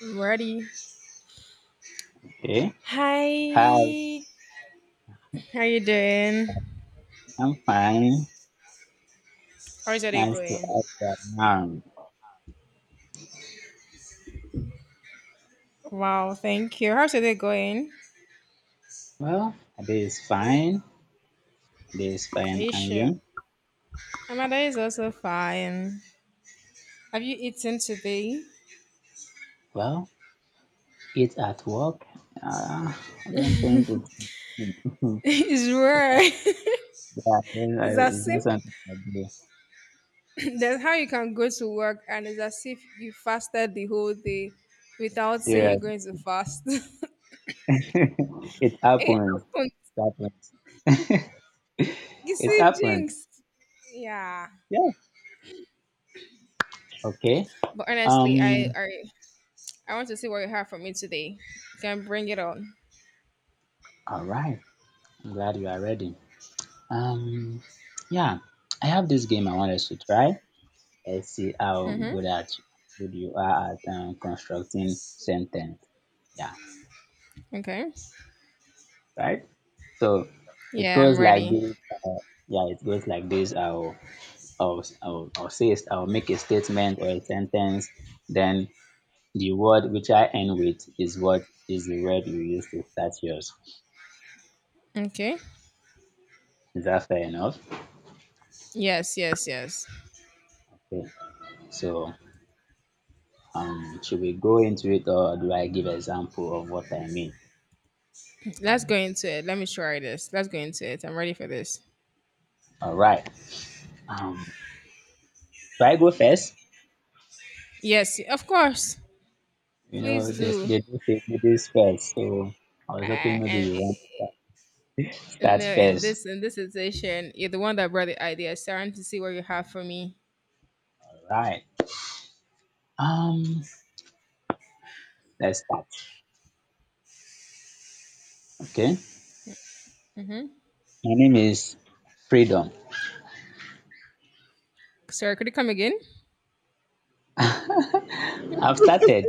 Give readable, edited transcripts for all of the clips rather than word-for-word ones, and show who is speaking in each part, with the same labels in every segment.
Speaker 1: I'm ready.
Speaker 2: Okay. Hi,
Speaker 1: Hi. How you doing?
Speaker 2: I'm fine.
Speaker 1: How's your day
Speaker 2: Nice to
Speaker 1: going?
Speaker 2: have you around.
Speaker 1: Wow, thank you. How's your day going?
Speaker 2: Well, today is fine. Today is
Speaker 1: Are
Speaker 2: fine.
Speaker 1: you
Speaker 2: And
Speaker 1: sure?
Speaker 2: you?
Speaker 1: My day is also fine. Have you eaten today?
Speaker 2: Well, it's at work. I don't think it's.
Speaker 1: It's
Speaker 2: It's
Speaker 1: rare.
Speaker 2: not, yeah,
Speaker 1: It's
Speaker 2: I-
Speaker 1: as
Speaker 2: it's
Speaker 1: if
Speaker 2: not something I do.
Speaker 1: that's how you can go to work and it's as if you fasted the whole day without saying you're
Speaker 2: Serious.
Speaker 1: going to fast.
Speaker 2: It
Speaker 1: It
Speaker 2: happens.
Speaker 1: happened.
Speaker 2: It happens.
Speaker 1: You
Speaker 2: It
Speaker 1: see,
Speaker 2: happens.
Speaker 1: jinx. Yeah.
Speaker 2: Yeah. Okay.
Speaker 1: But honestly,
Speaker 2: Um.
Speaker 1: I want to see what you have for me today. You can bring it on.
Speaker 2: All right. I'm glad you are ready. Um. Yeah. I have this game I wanted to try. Let's see how
Speaker 1: Hmm.
Speaker 2: good you are at constructing sentence. Yeah,
Speaker 1: Okay.
Speaker 2: right. So it
Speaker 1: Yeah, I'm
Speaker 2: goes like
Speaker 1: ready.
Speaker 2: this. Yeah, it goes like this. I'll I'll I'll make a statement or a sentence. Then the word which I end with is what is the word you use to start yours.
Speaker 1: Okay.
Speaker 2: Is that fair enough?
Speaker 1: Yes, yes, yes.
Speaker 2: Okay. So should we go into it or do I give example of what I mean?
Speaker 1: Let's go into it. Let me try this. Let's go into it. I'm ready for this.
Speaker 2: All right. Um, do I go first?
Speaker 1: Yes, of course.
Speaker 2: You
Speaker 1: Please
Speaker 2: know, they,
Speaker 1: do.
Speaker 2: they do say they do first. So I was
Speaker 1: Uh,
Speaker 2: hoping maybe
Speaker 1: and
Speaker 2: you want to
Speaker 1: in
Speaker 2: start
Speaker 1: the in
Speaker 2: first.
Speaker 1: this in this situation, you're the one that brought the idea. So I want to see what you have for me.
Speaker 2: Right. Um, let's start. Okay.
Speaker 1: Mm-hmm.
Speaker 2: My name is Freedom.
Speaker 1: Sorry, could you come again?
Speaker 2: I've started.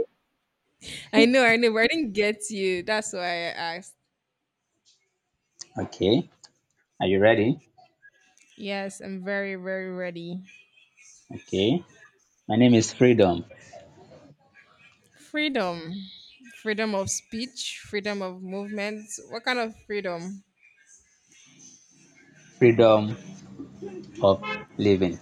Speaker 1: I know, but I didn't get you. That's why I asked.
Speaker 2: Okay. Are you ready?
Speaker 1: Yes, I'm very, very ready.
Speaker 2: Okay. My name is Freedom.
Speaker 1: Freedom. Freedom of speech, freedom of movement. What kind of freedom?
Speaker 2: Freedom of living.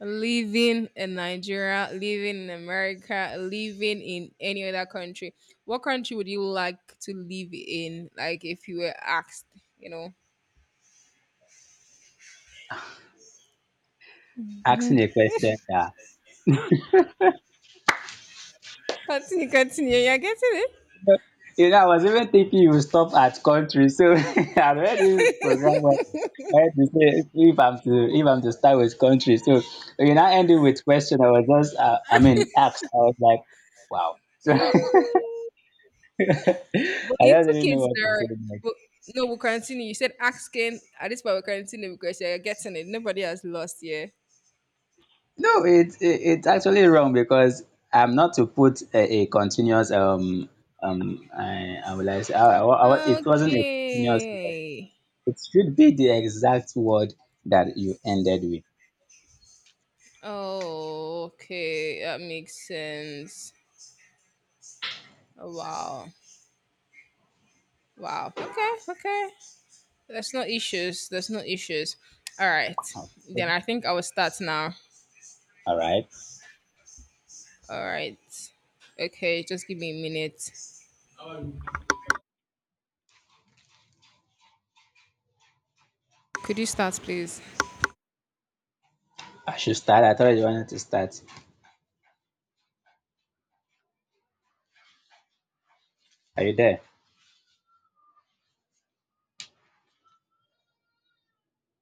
Speaker 1: Living in Nigeria, living in America, living in any other country, what country would you like to live in? Like if you were asked, you know.
Speaker 2: Asking a question that
Speaker 1: Continue, continue. You're getting it.
Speaker 2: I was even thinking you would stop at country, so I already programmed I had to say if I'm to start with country. So ending with question. I was just I mean asked. I was like, wow. So I
Speaker 1: Mm, but you
Speaker 2: don't
Speaker 1: took
Speaker 2: really know
Speaker 1: it
Speaker 2: what to
Speaker 1: there.
Speaker 2: say next.
Speaker 1: But no, we'll continue. You said asking. At this point, we're continuing because you're getting it. Nobody has lost, yeah.
Speaker 2: No, it's actually wrong because I'm not to put a continuous I would like say I, it wasn't a continuous word.
Speaker 1: Okay.
Speaker 2: It should be the exact word that you ended with.
Speaker 1: Oh, okay. That makes sense. Oh, wow. Wow. Okay. Okay. There's no issues. There's no issues. All right. Then I think I will start now.
Speaker 2: All right,
Speaker 1: All right. Okay, just give me a minute. Could you start, please?
Speaker 2: I should start. I thought you wanted to start. Are you there?